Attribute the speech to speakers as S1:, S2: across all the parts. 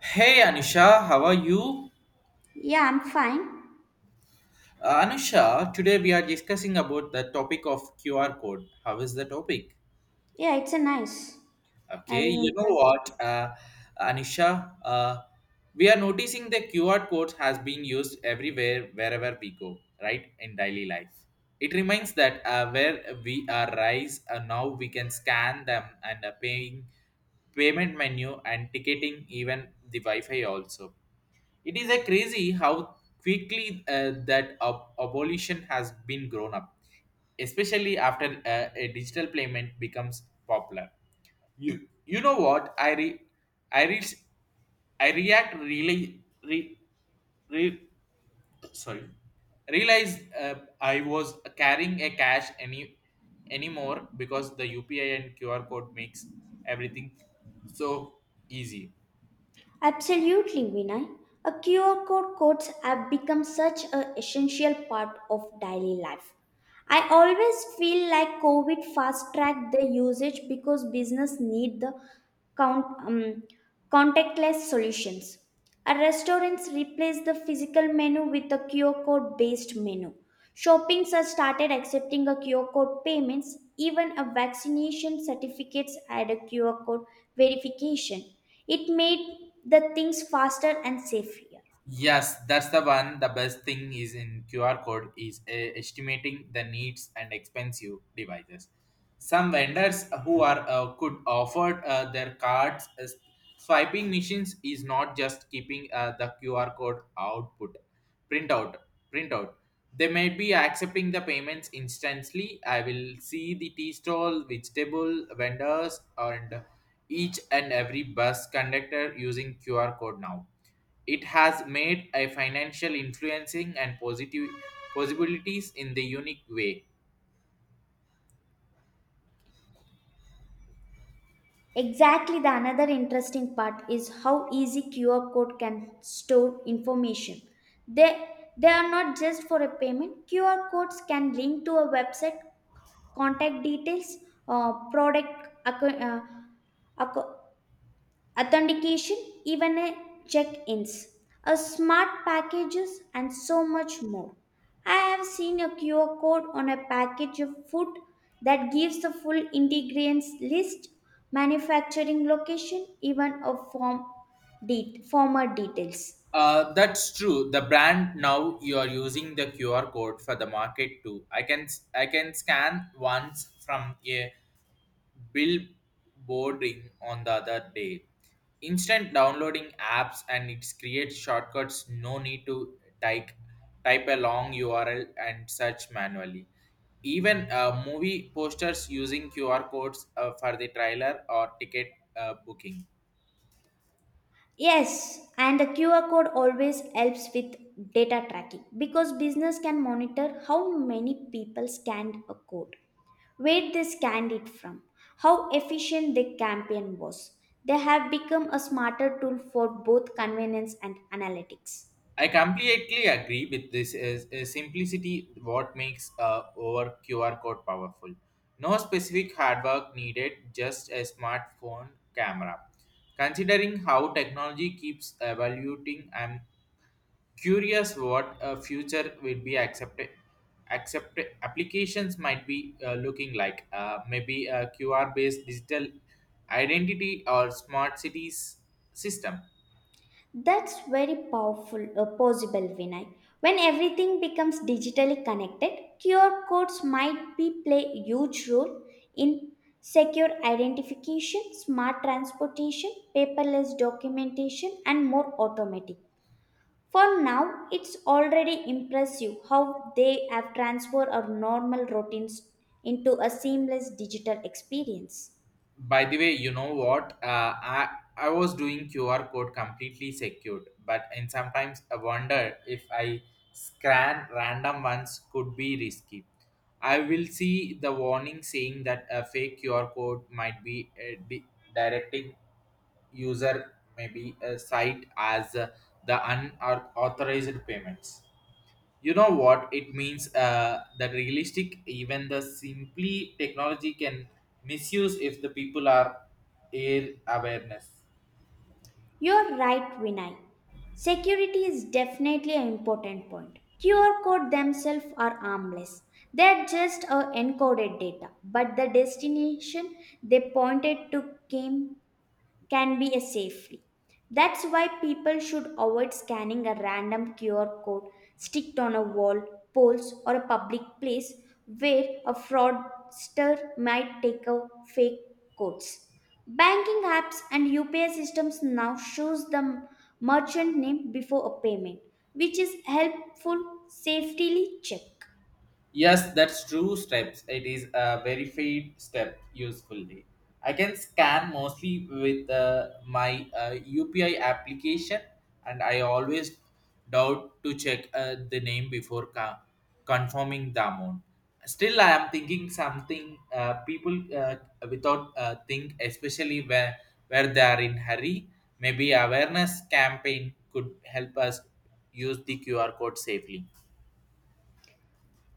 S1: Hey Anusha, how are you?
S2: Yeah, I'm fine.
S1: Anusha, today we are discussing about the topic of QR code. How is the topic?
S2: Yeah, it's a nice,
S1: Okay,
S2: very
S1: you know
S2: interesting.
S1: what, Anisha, we are noticing the QR codes has been used everywhere, wherever we go, right, in daily life. It reminds that where we are rise, now we can scan them and paying payment menu and ticketing, even the Wi-Fi also. It is a crazy how quickly that abolition has been grown up, especially after a digital payment becomes popular. You know what? I re, I re, I react really re, re, sorry. Realized I was carrying a cash anymore because the UPI and QR code makes everything so easy.
S2: Absolutely, Vinay. A QR code codes have become such an essential part of daily life. I always feel like COVID fast tracked the usage because business need the count, um, contactless solutions. Our restaurants replace the physical menu with a QR code based menu. Shoppings have started accepting a QR code payments. Even a vaccination certificates had a QR code verification. It made the things faster and safer.
S1: Yes, that's the one. The best thing is in QR code is estimating the needs and expensive devices. Some vendors who are could offer their cards as swiping machines is not just keeping the QR code output printout printout. They may be accepting the payments instantly. I will see the tea stall, vegetable vendors, and each and every bus conductor using QR code now. It has made a financial influencing and positive possibilities in the unique way.
S2: Exactly the another interesting part is how easy QR code can store information. They they are not just for a payment. QR codes can link to a website contact details, product acco- authentication, even a check-ins, a smart packages, and so much more. I have seen a QR code on a package of food that gives the full ingredients list, manufacturing location, even a former details.
S1: That's true. The brand now you are using the QR code for the market too. I can scan once from a billboarding on the other day. Instant downloading apps and it creates shortcuts. No need to type a long URL and search manually. Even movie posters using QR codes for the trailer or ticket booking.
S2: Yes, and the QR code always helps with data tracking because business can monitor how many people scanned a code, where they scanned it from, how efficient the campaign was. They have become a smarter tool for both convenience and analytics.
S1: I completely agree with this. Is simplicity what makes our QR code powerful? No specific hard work needed, just a smartphone camera. Considering how technology keeps evaluating, I'm curious what a future will be accepted. Accepted applications might be looking like maybe a QR based digital identity or smart cities system.
S2: That's very powerful, possible, Vinay. When everything becomes digitally connected, QR codes might be play a huge role in secure identification, smart transportation, paperless documentation, and more automatic. For now, it's already impressive how they have transformed our normal routines into a seamless digital experience.
S1: By the way, you know what? I was doing QR code completely secured, but and sometimes I wonder if I scan random ones could be risky. I will see the warning saying that a fake QR code might be directing user maybe a site as the unauthorized payments. You know what it means that realistic even the simply technology can misuse if the people are ill awareness.
S2: You're right, Vinay. Security is definitely an important point. QR code themselves are harmless. They're just a encoded data, but the destination they pointed to came can be a safely. That's why people should avoid scanning a random QR code sticked on a wall, poles, or a public place where a fraudster might take a fake codes. Banking apps and UPI systems now shows the merchant name before a payment, which is helpful safely check.
S1: Yes, that's true steps. It is a verified step usefully. I can scan mostly with my UPI application and I always doubt to check the name before confirming the amount. Still, I am thinking something people without think, especially where they are in hurry. Maybe awareness campaign could help us use the QR code safely.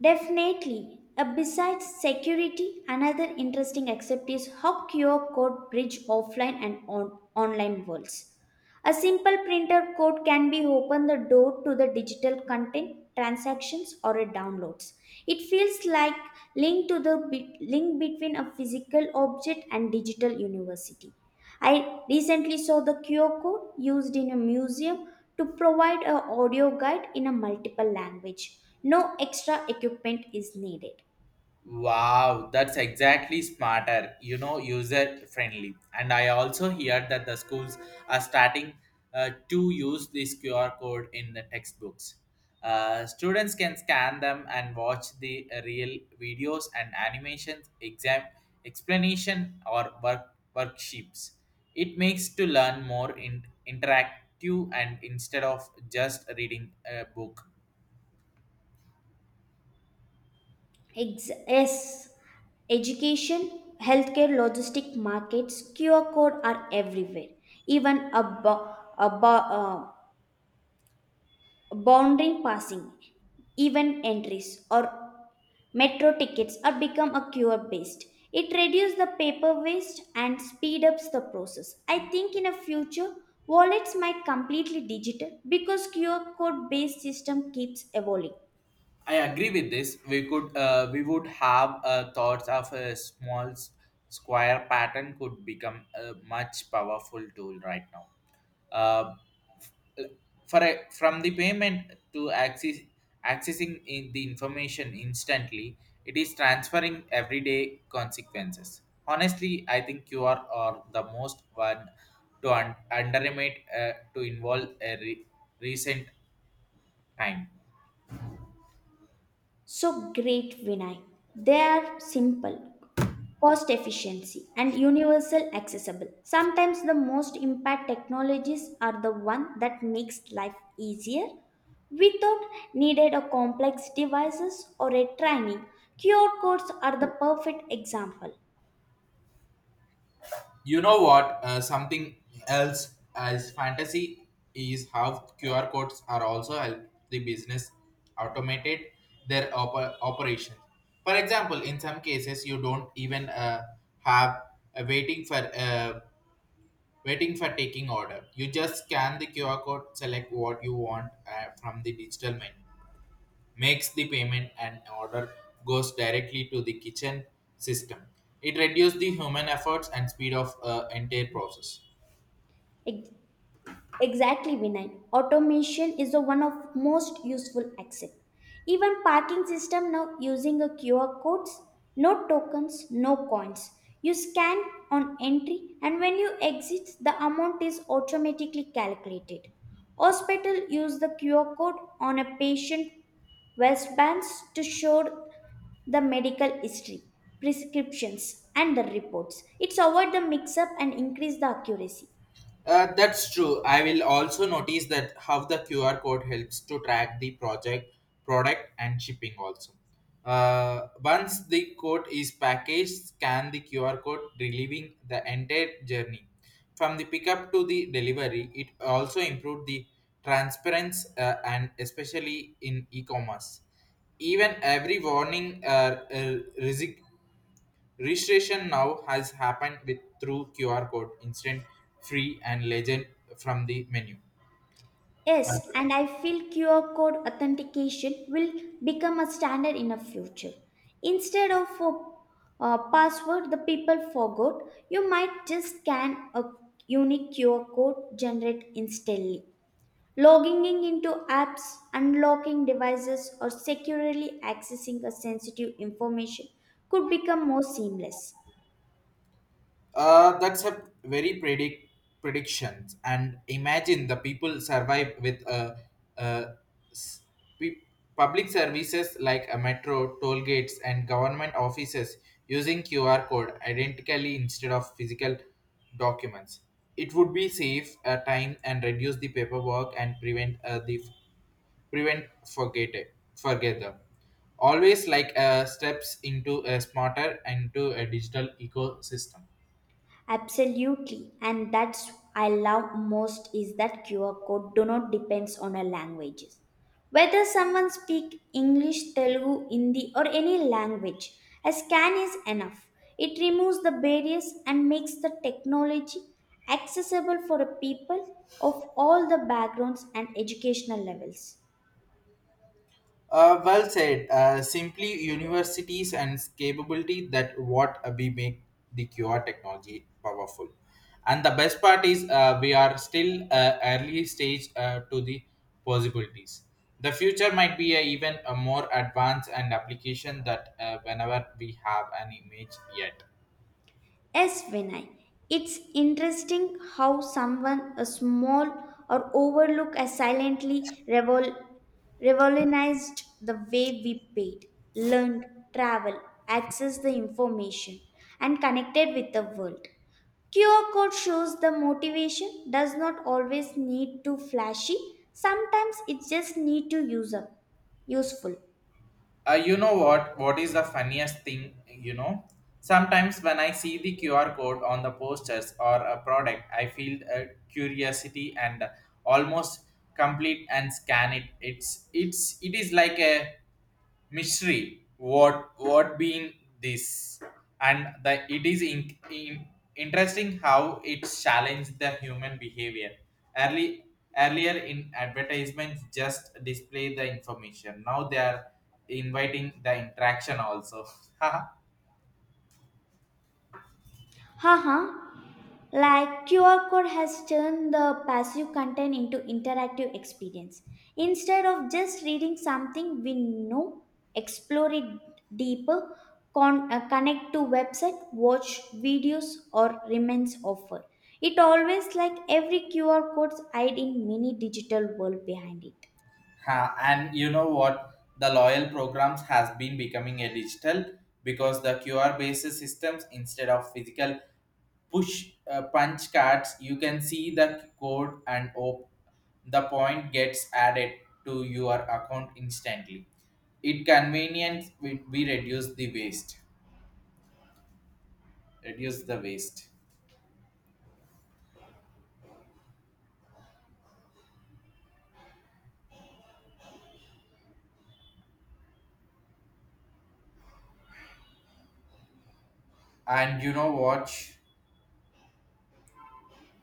S2: Definitely. Besides security, another interesting aspect is how QR code bridge offline and online worlds. A simple printer code can be open the door to the digital content, transactions, or a downloads. It feels like link to the bit- link between a physical object and digital university. I recently saw the QR code used in a museum to provide an audio guide in a multiple language. No extra equipment is needed.
S1: Wow, that's exactly smarter, you know, user friendly. And I also hear that the schools are starting to use this QR code in the textbooks. Students can scan them and watch the real videos and animations, exam explanation or worksheets. It makes to learn more in interactive and instead of just reading a book.
S2: Yes, education, healthcare, logistic markets, QR code are everywhere. Even a boundary passing, even entries or Metro tickets are become a QR based. It reduces the paper waste and speed ups the process. I think in a future wallets might completely digital because QR code based system keeps evolving.
S1: I agree with this. We could we would have thoughts of a small square pattern could become a much powerful tool right now. Uh, from the payment to accessing in the information instantly, it is transferring everyday consequences. Honestly, I think QR are the most one to underestimate to involve a recent time.
S2: So great Vinay. They are simple cost efficiency and universal accessible. Sometimes the most impact technologies are the one that makes life easier without needed a complex devices or a training. QR codes are the perfect example.
S1: You know what? Something else as fantasy is how QR codes are also help the business automated their operations. For example, in some cases, you don't even have a waiting for taking order. You just scan the QR code, select what you want from the digital menu, makes the payment and order goes directly to the kitchen system. It reduces the human efforts and speed of entire process.
S2: Exactly, Vinay. Automation is the one of most useful access. Even parking system now using a QR codes, no tokens, no coins. You scan on entry and when you exit, the amount is automatically calculated. Hospital use the QR code on a patient wristbands to show the medical history, prescriptions, and the reports. It's avoid the mix-up and increase the accuracy.
S1: That's true. I will also notice that how the QR code helps to track the project, product, and shipping also. Once the code is packaged, scan the QR code, relieving the entire journey. From the pickup to the delivery, it also improved the transparency and especially in e-commerce. Even every warning uh, registration now has happened with through QR code, instant, free, and legend from the menu.
S2: Yes, and I feel QR code authentication will become a standard in the future. Instead of a password the people forgot, you might just scan a unique QR code generated instantly. Logging in into apps, unlocking devices, or securely accessing a sensitive information could become more seamless.
S1: That's a very predictions and imagine the people survive with uh, s- pe- public services like a metro, toll gates, and government offices using QR code identically instead of physical documents. It would be save time and reduce the paperwork and prevent the prevent forget it forgether always like steps into a smarter and to a digital ecosystem.
S2: Absolutely, and that's I love most is that QR code do not depends on a languages. Whether someone speak English, Telugu, Hindi or any language, a scan is enough. It removes the barriers and makes the technology accessible for a people of all the backgrounds and educational levels.
S1: Well said simply universities and capability that what we make the qr technology powerful and the best part is we are still early stage to the possibilities. The future might be a even a more advanced and application that whenever we have an image yet.
S2: Yes, Vinay. It's interesting how someone a small or overlook has silently revolutionized the way we paid, learned, travel, access the information, and connected with the world. QR code shows the motivation does not always need to flashy. Sometimes it just need to user useful.
S1: You know what is the funniest thing you know sometimes when I see the qr code on the posters or a product I feel a curiosity and almost complete and scan it it is like a mystery what being this and the it is interesting how it challenged the human behavior early earlier in advertisements just display the information now they are inviting the interaction also.
S2: Haha, like QR code has turned the passive content into interactive experience. Instead of just reading something we know, explore it deeper, connect to website, watch videos or remains offer. It always like every QR codes hide in many digital world behind it.
S1: Ha, and you know what? The loyal programs has been becoming a digital because the QR based systems instead of physical push punch cards. You can see the code and the point gets added to your account instantly. It convenience we reduce the waste, and you know what?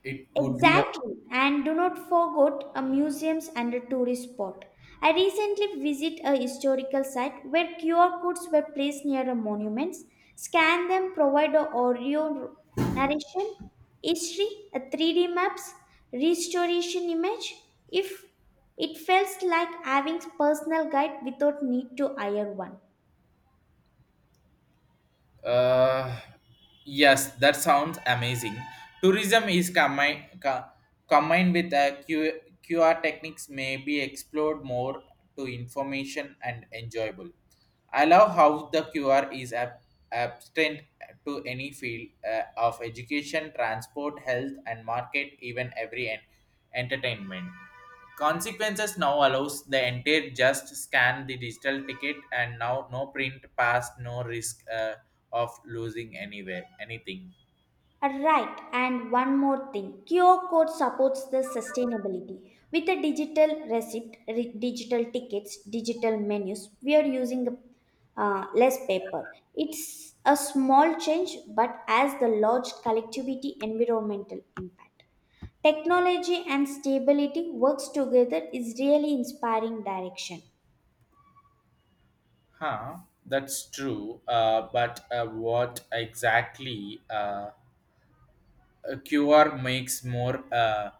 S1: It would be a.
S2: Exactly, and do not forget a museums and a tourist spot. I recently visit a historical site where QR codes were placed near a monuments. Scan them, provide a audio narration, history, a 3D maps, restoration image. If it feels like having personal guide without need to hire one.
S1: Uh, yes, that sounds amazing. Tourism is combined with a QR techniques may be explored more to information and enjoyable. I love how the QR is abstinent to any field of education, transport, health, and market, even every entertainment. Consequences now allows the entire just scan the digital ticket and now no print pass, no risk of losing anywhere anything.
S2: Right, and one more thing. QR code supports the sustainability. With a digital receipt, digital tickets, digital menus, we are using less paper. It's a small change, but as the large collectivity environmental impact. Technology and stability works together is really inspiring direction.
S1: Huh? That's true. But what exactly uh, a QR makes more uh,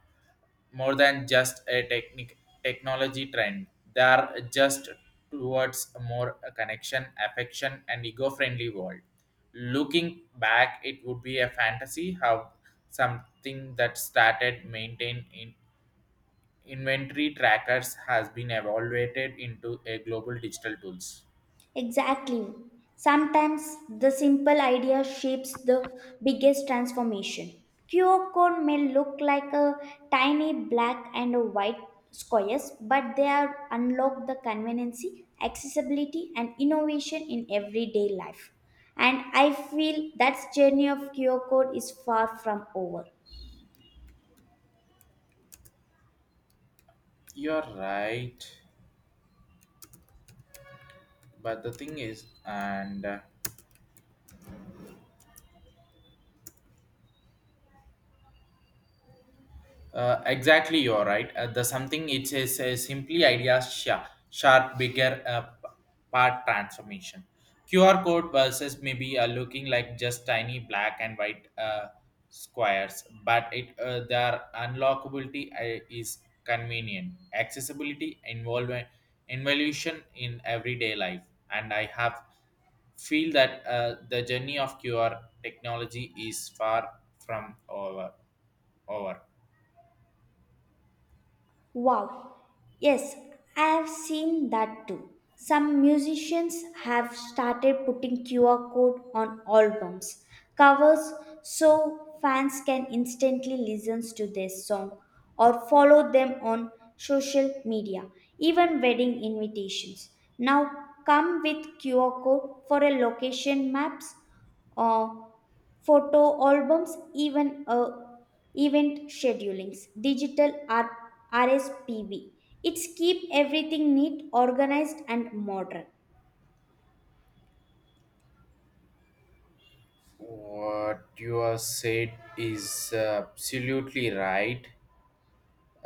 S1: more than just a technology trend. They are just towards a more a connection, affection, and ego friendly world. Looking back, it would be a fantasy how something that started maintain in inventory trackers has been evaluated into a global digital tools.
S2: Exactly. Sometimes the simple idea shapes the biggest transformation. QR code may look like a tiny black and a white squares, but they are unlock the conveniency, accessibility, and innovation in everyday life. And I feel that journey of QR code is far from over.
S1: You're right, but the thing is, and exactly, you're right. The something it says simply ideas sharp, bigger part transformation. QR code versus maybe looking like just tiny black and white squares, but it their unlockability is convenient, accessibility, involution in everyday life, and I have feel that the journey of QR technology is far from over.
S2: Wow. Yes, I have seen that too. Some musicians have started putting QR code on albums covers so fans can instantly listen to their song or follow them on social media, even wedding invitations. Now come with QR code for a location maps, uh, photo albums, even event schedulings, digital RSPB. It's keep everything neat, organized, and modern.
S1: What you have said is absolutely right.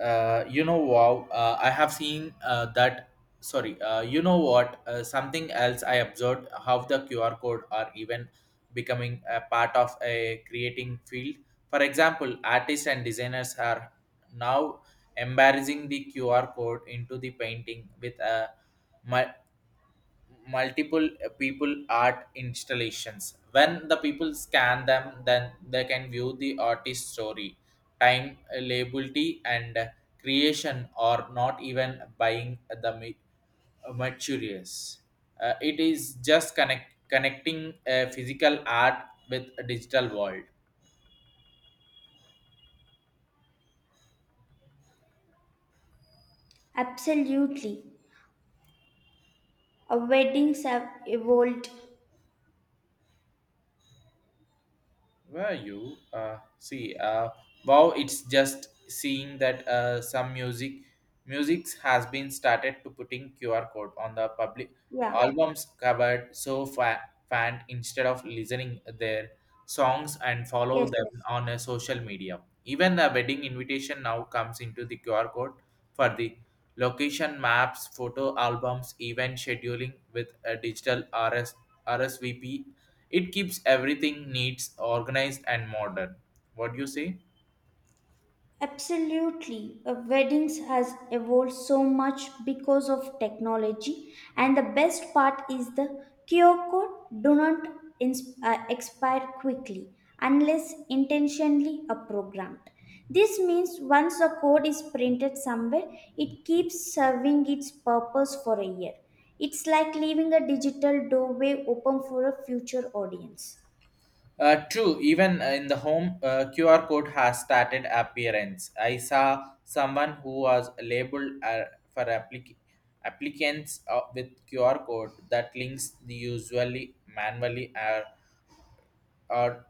S1: You know, wow, I have seen that. Sorry, you know what? Something else I observed how the QR code are even becoming a part of a creating field. For example, artists and designers are now embarrassing the QR code into the painting with a mu- multiple people art installations. When the people scan them then they can view the artist's story time liability and creation or not even buying the materials. It is just connecting physical art with a digital world.
S2: Absolutely. Weddings have evolved.
S1: Were you? Wow, it's just seeing that some music music has been started to putting QR code on the public
S2: Yeah.
S1: albums covered so fan instead of listening their songs and follow
S2: Yes.
S1: them
S2: Yes.
S1: on a social media. Even the wedding invitation now comes into the QR code for the location maps, photo albums, event scheduling with a digital RS RSVP. It keeps everything neat, organized, and modern. What do you say?
S2: Absolutely. Weddings has evolved so much because of technology and the best part is the QR code do not expire quickly unless intentionally programmed. This means once a code is printed somewhere, it keeps serving its purpose for a year. It's like leaving a digital doorway open for a future audience.
S1: True, even in the home, QR code has started appearance. I saw someone who was labeled for applicants with QR code that links the usually manually or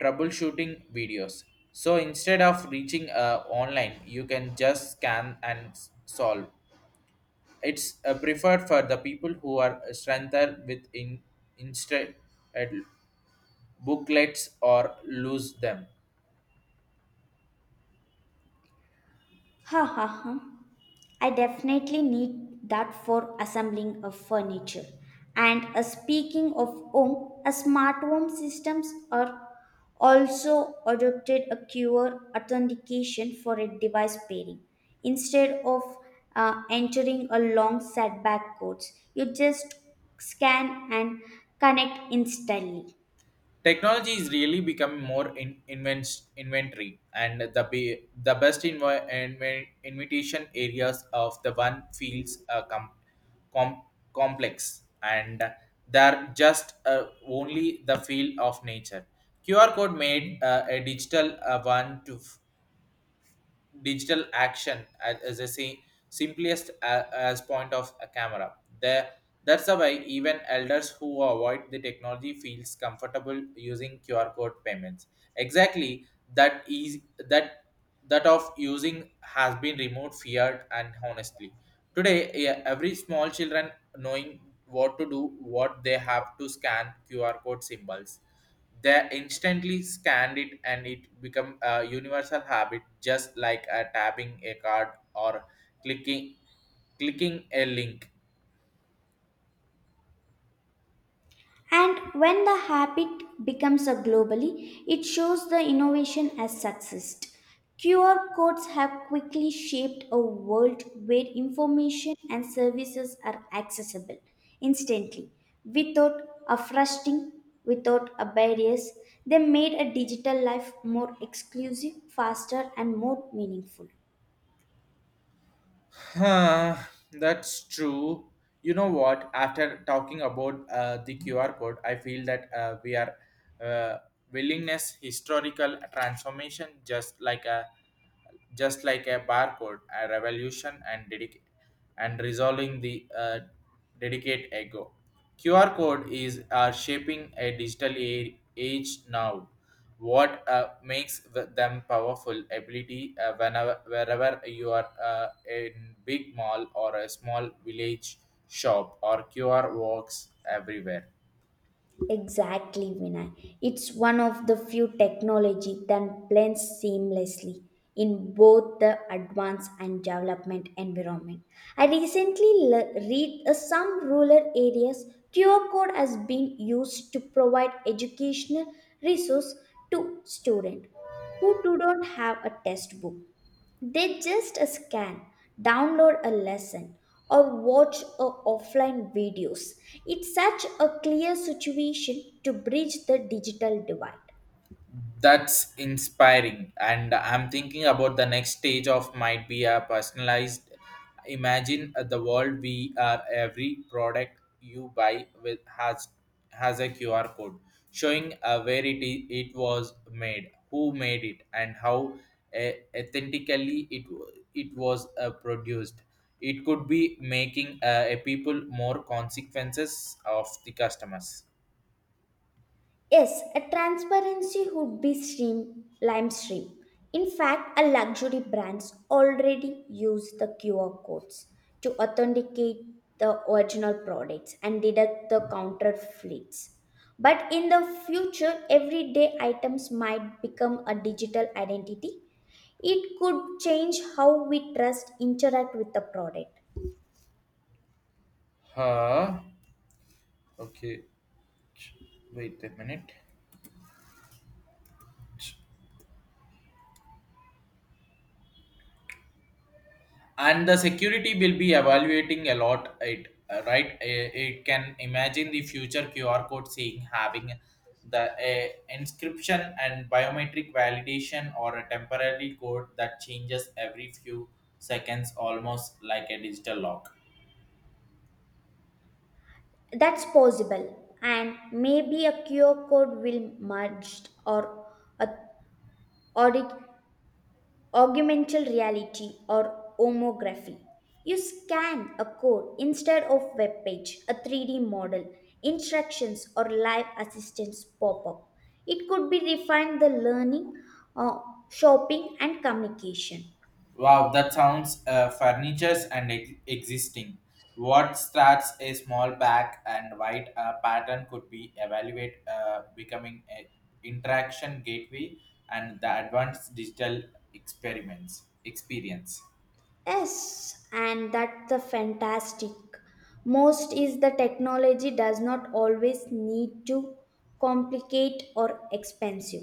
S1: troubleshooting videos. So instead of reaching online, you can just scan and solve. It's preferred for the people who are strengthened instead uh, booklets or lose them.
S2: Ha ha ha. I definitely need that for assembling of furniture. And speaking of home, a smart home systems are also adopted a QR authentication for a device pairing. Instead of entering a long setback codes, you just scan and connect instantly.
S1: Technology is really becoming more inventory, and the the best invitation areas of the one feels com, complex, and they're just only the field of nature. QR code made a digital one to digital action as I say simplest as point of a camera. The That's the way even elders who avoid the technology feels comfortable using QR code payments. Exactly that is that that of using has been removed feared and honestly. Today, every small children knowing what to do, what they have to scan QR code symbols. They instantly scanned it and it become a universal habit, just like a tabbing a card, or clicking clicking a link.
S2: And when the habit becomes a globally, it shows the innovation as success. QR codes have quickly shaped a world where information and services are accessible instantly, without a frustrating, without a barriers. They made a digital life more exclusive, faster, and more meaningful.
S1: Huh, that's true. You know what? After talking about the QR code, I feel that we are, uh, willingness historical transformation, just like a barcode, a revolution, and dedicate and resolving the, dedicate ego. QR code is, shaping a digital age now. What makes them powerful ability, whenever, wherever you are, in big mall or a small village shop, or QR works everywhere.
S2: Exactly, Vinay. It's one of the few technology that blends seamlessly in both the advanced and development environment. I recently read some rural areas QR code has been used to provide educational resource to students who do not have a textbook. They just scan, download a lesson, or watch a offline videos. It's such a clear situation to bridge the digital divide.
S1: That's inspiring, and I'm thinking about the next stage of, might be a personalized. Imagine, the world we are. Every product you buy with has a QR code, showing where it is, it was made, who made it, and how, uh, authentically it was, produced. It could be making a people more consequences of the customers.
S2: Yes, a transparency would be stream lime stream. In fact, a luxury brands already use the QR codes to authenticate the original products and deduct the counterfeits. But in the future, everyday items might become a digital identity. It could change how we trust interact with the product.
S1: Huh? Okay. Wait a minute. And the security will be evaluating a lot. It Right. It can imagine the future QR code seeing having the, uh, inscription and biometric validation, or a temporary code that changes every few seconds, almost like a digital lock.
S2: That's possible, and maybe a QR code will merged or a Audi- augmented reality or homography. You scan a code instead of web page, a 3D model, instructions or live assistance pop up. It could be refined the learning, uh, shopping and communication.
S1: Wow, that sounds, furnitures and existing. What starts a small back and white, pattern could be evaluate, becoming an interaction gateway and the advanced digital experiments experience.
S2: Yes, and that's the fantastic. Most is the technology does not always need to complicate or expensive.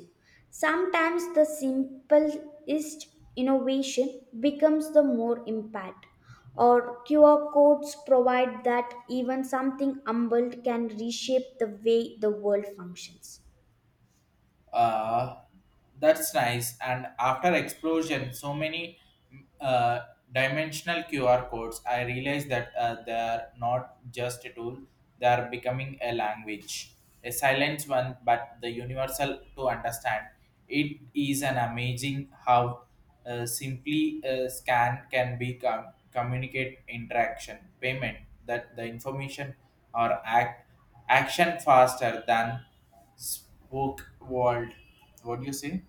S2: Sometimes the simplest innovation becomes the more impact. Or QR codes provide that even something humble can reshape the way the world functions.
S1: uh, that's nice, and after explosion so many, uh, dimensional QR codes, I realized that they're not just a tool, they're becoming a language, a silent one, but the universal to understand. It is an amazing how, simply a scan can be communicate interaction payment, that the information or act action, faster than spoke world. What do you say?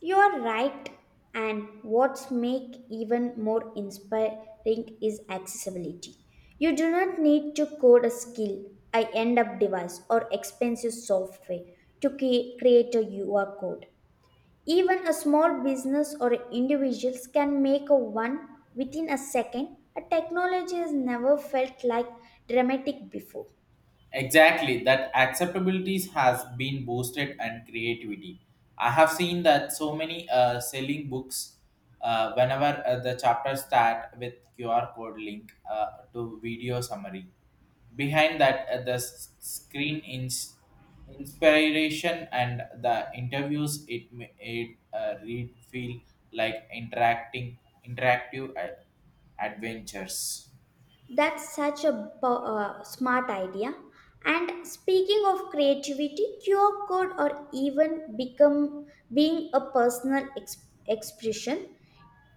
S2: You are right, and what's make even more inspiring is accessibility. You do not need to code a skill, I end up device or expensive software to create a UR code. Even a small business or individuals can make a one within a second. A technology has never felt like dramatic before.
S1: Exactly, that acceptability has been boosted and creativity. I have seen that so many, selling books, whenever, the chapter start with QR code link, to video summary. Behind that, the screen inspiration and the interviews, it read feel like interacting interactive adventures.
S2: That's such a smart idea. And speaking of creativity, QR code or even become being a personal expression,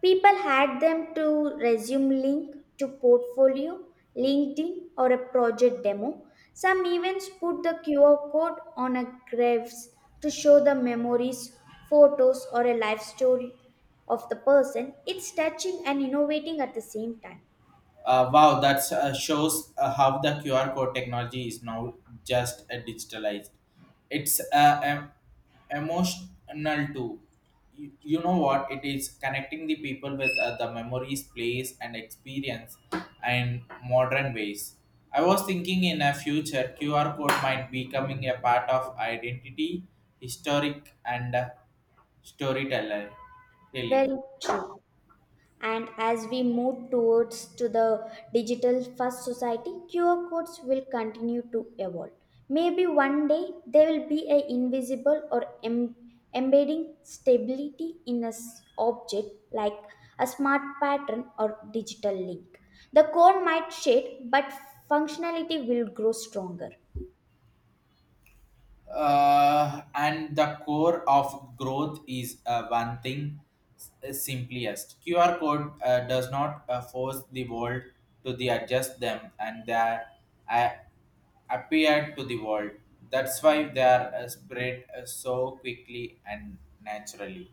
S2: people had them to resume link to portfolio, LinkedIn, or a project demo. Some events put the QR code on a graves to show the memories, photos, or a life story of the person. It's touching and innovating at the same time.
S1: Wow, that shows how the QR code technology is now just, digitalized. It's, emotional too. You know what? It is connecting the people with, the memories, place, and experience in modern ways. I was thinking in a future, QR code might be becoming a part of identity, historic, and, storyteller telling.
S2: Very true. And as we move towards to the digital first society, QR codes will continue to evolve. Maybe one day they will be a invisible or embedding stability in a object like a smart pattern or digital link. The code might shade but functionality will grow stronger.
S1: And the core of growth is, one thing. Simplest QR code, does not, force the world to the adjust them, and they, uh, appear to the world. That's why they are, spread, so quickly and naturally.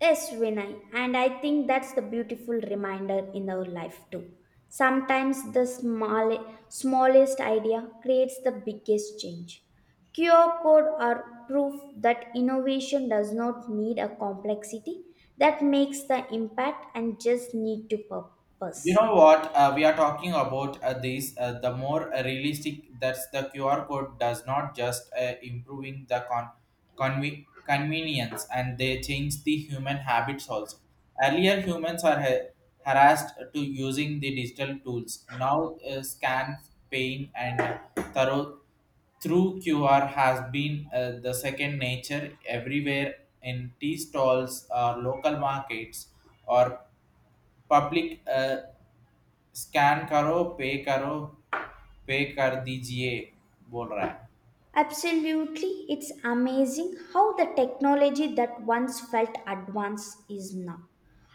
S2: Yes, Vinay, and I think that's the beautiful reminder in our life too. Sometimes the small, smallest idea creates the biggest change. QR code are proof that innovation does not need a complexity that makes the impact and just need to
S1: You
S2: purpose.
S1: know what? We are talking about this. The more, realistic, that the QR code does not just, improving the convenience, and they change the human habits also. Earlier, humans are harassed to using the digital tools. Now, scan, paying, and thorough through QR has been, the second nature everywhere, in tea stalls or local markets or public. Scan करो pay करो, पे कर दीजिए, बोल रहा है.
S2: Absolutely, it's amazing how the technology that once felt advanced is now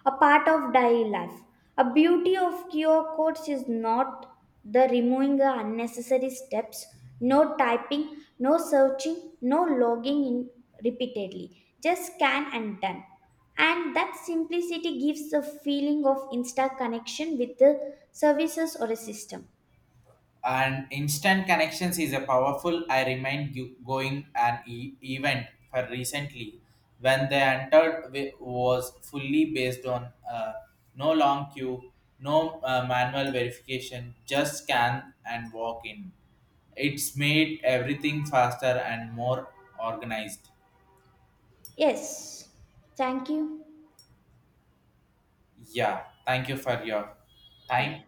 S2: a part of daily life. A beauty of QR codes is not the removing the unnecessary steps, no typing, no searching, no logging in repeatedly. Just scan and done. And that simplicity gives a feeling of instant connection with the services or a system.
S1: And instant connections is a powerful. I remind you going an event for recently, when they entered, was fully based on, uh, no long queue, no, manual verification, just scan and walk in. It's made everything faster and more organized.
S2: Yes, thank you.
S1: Yeah, thank you for your
S2: Yeah.
S1: time.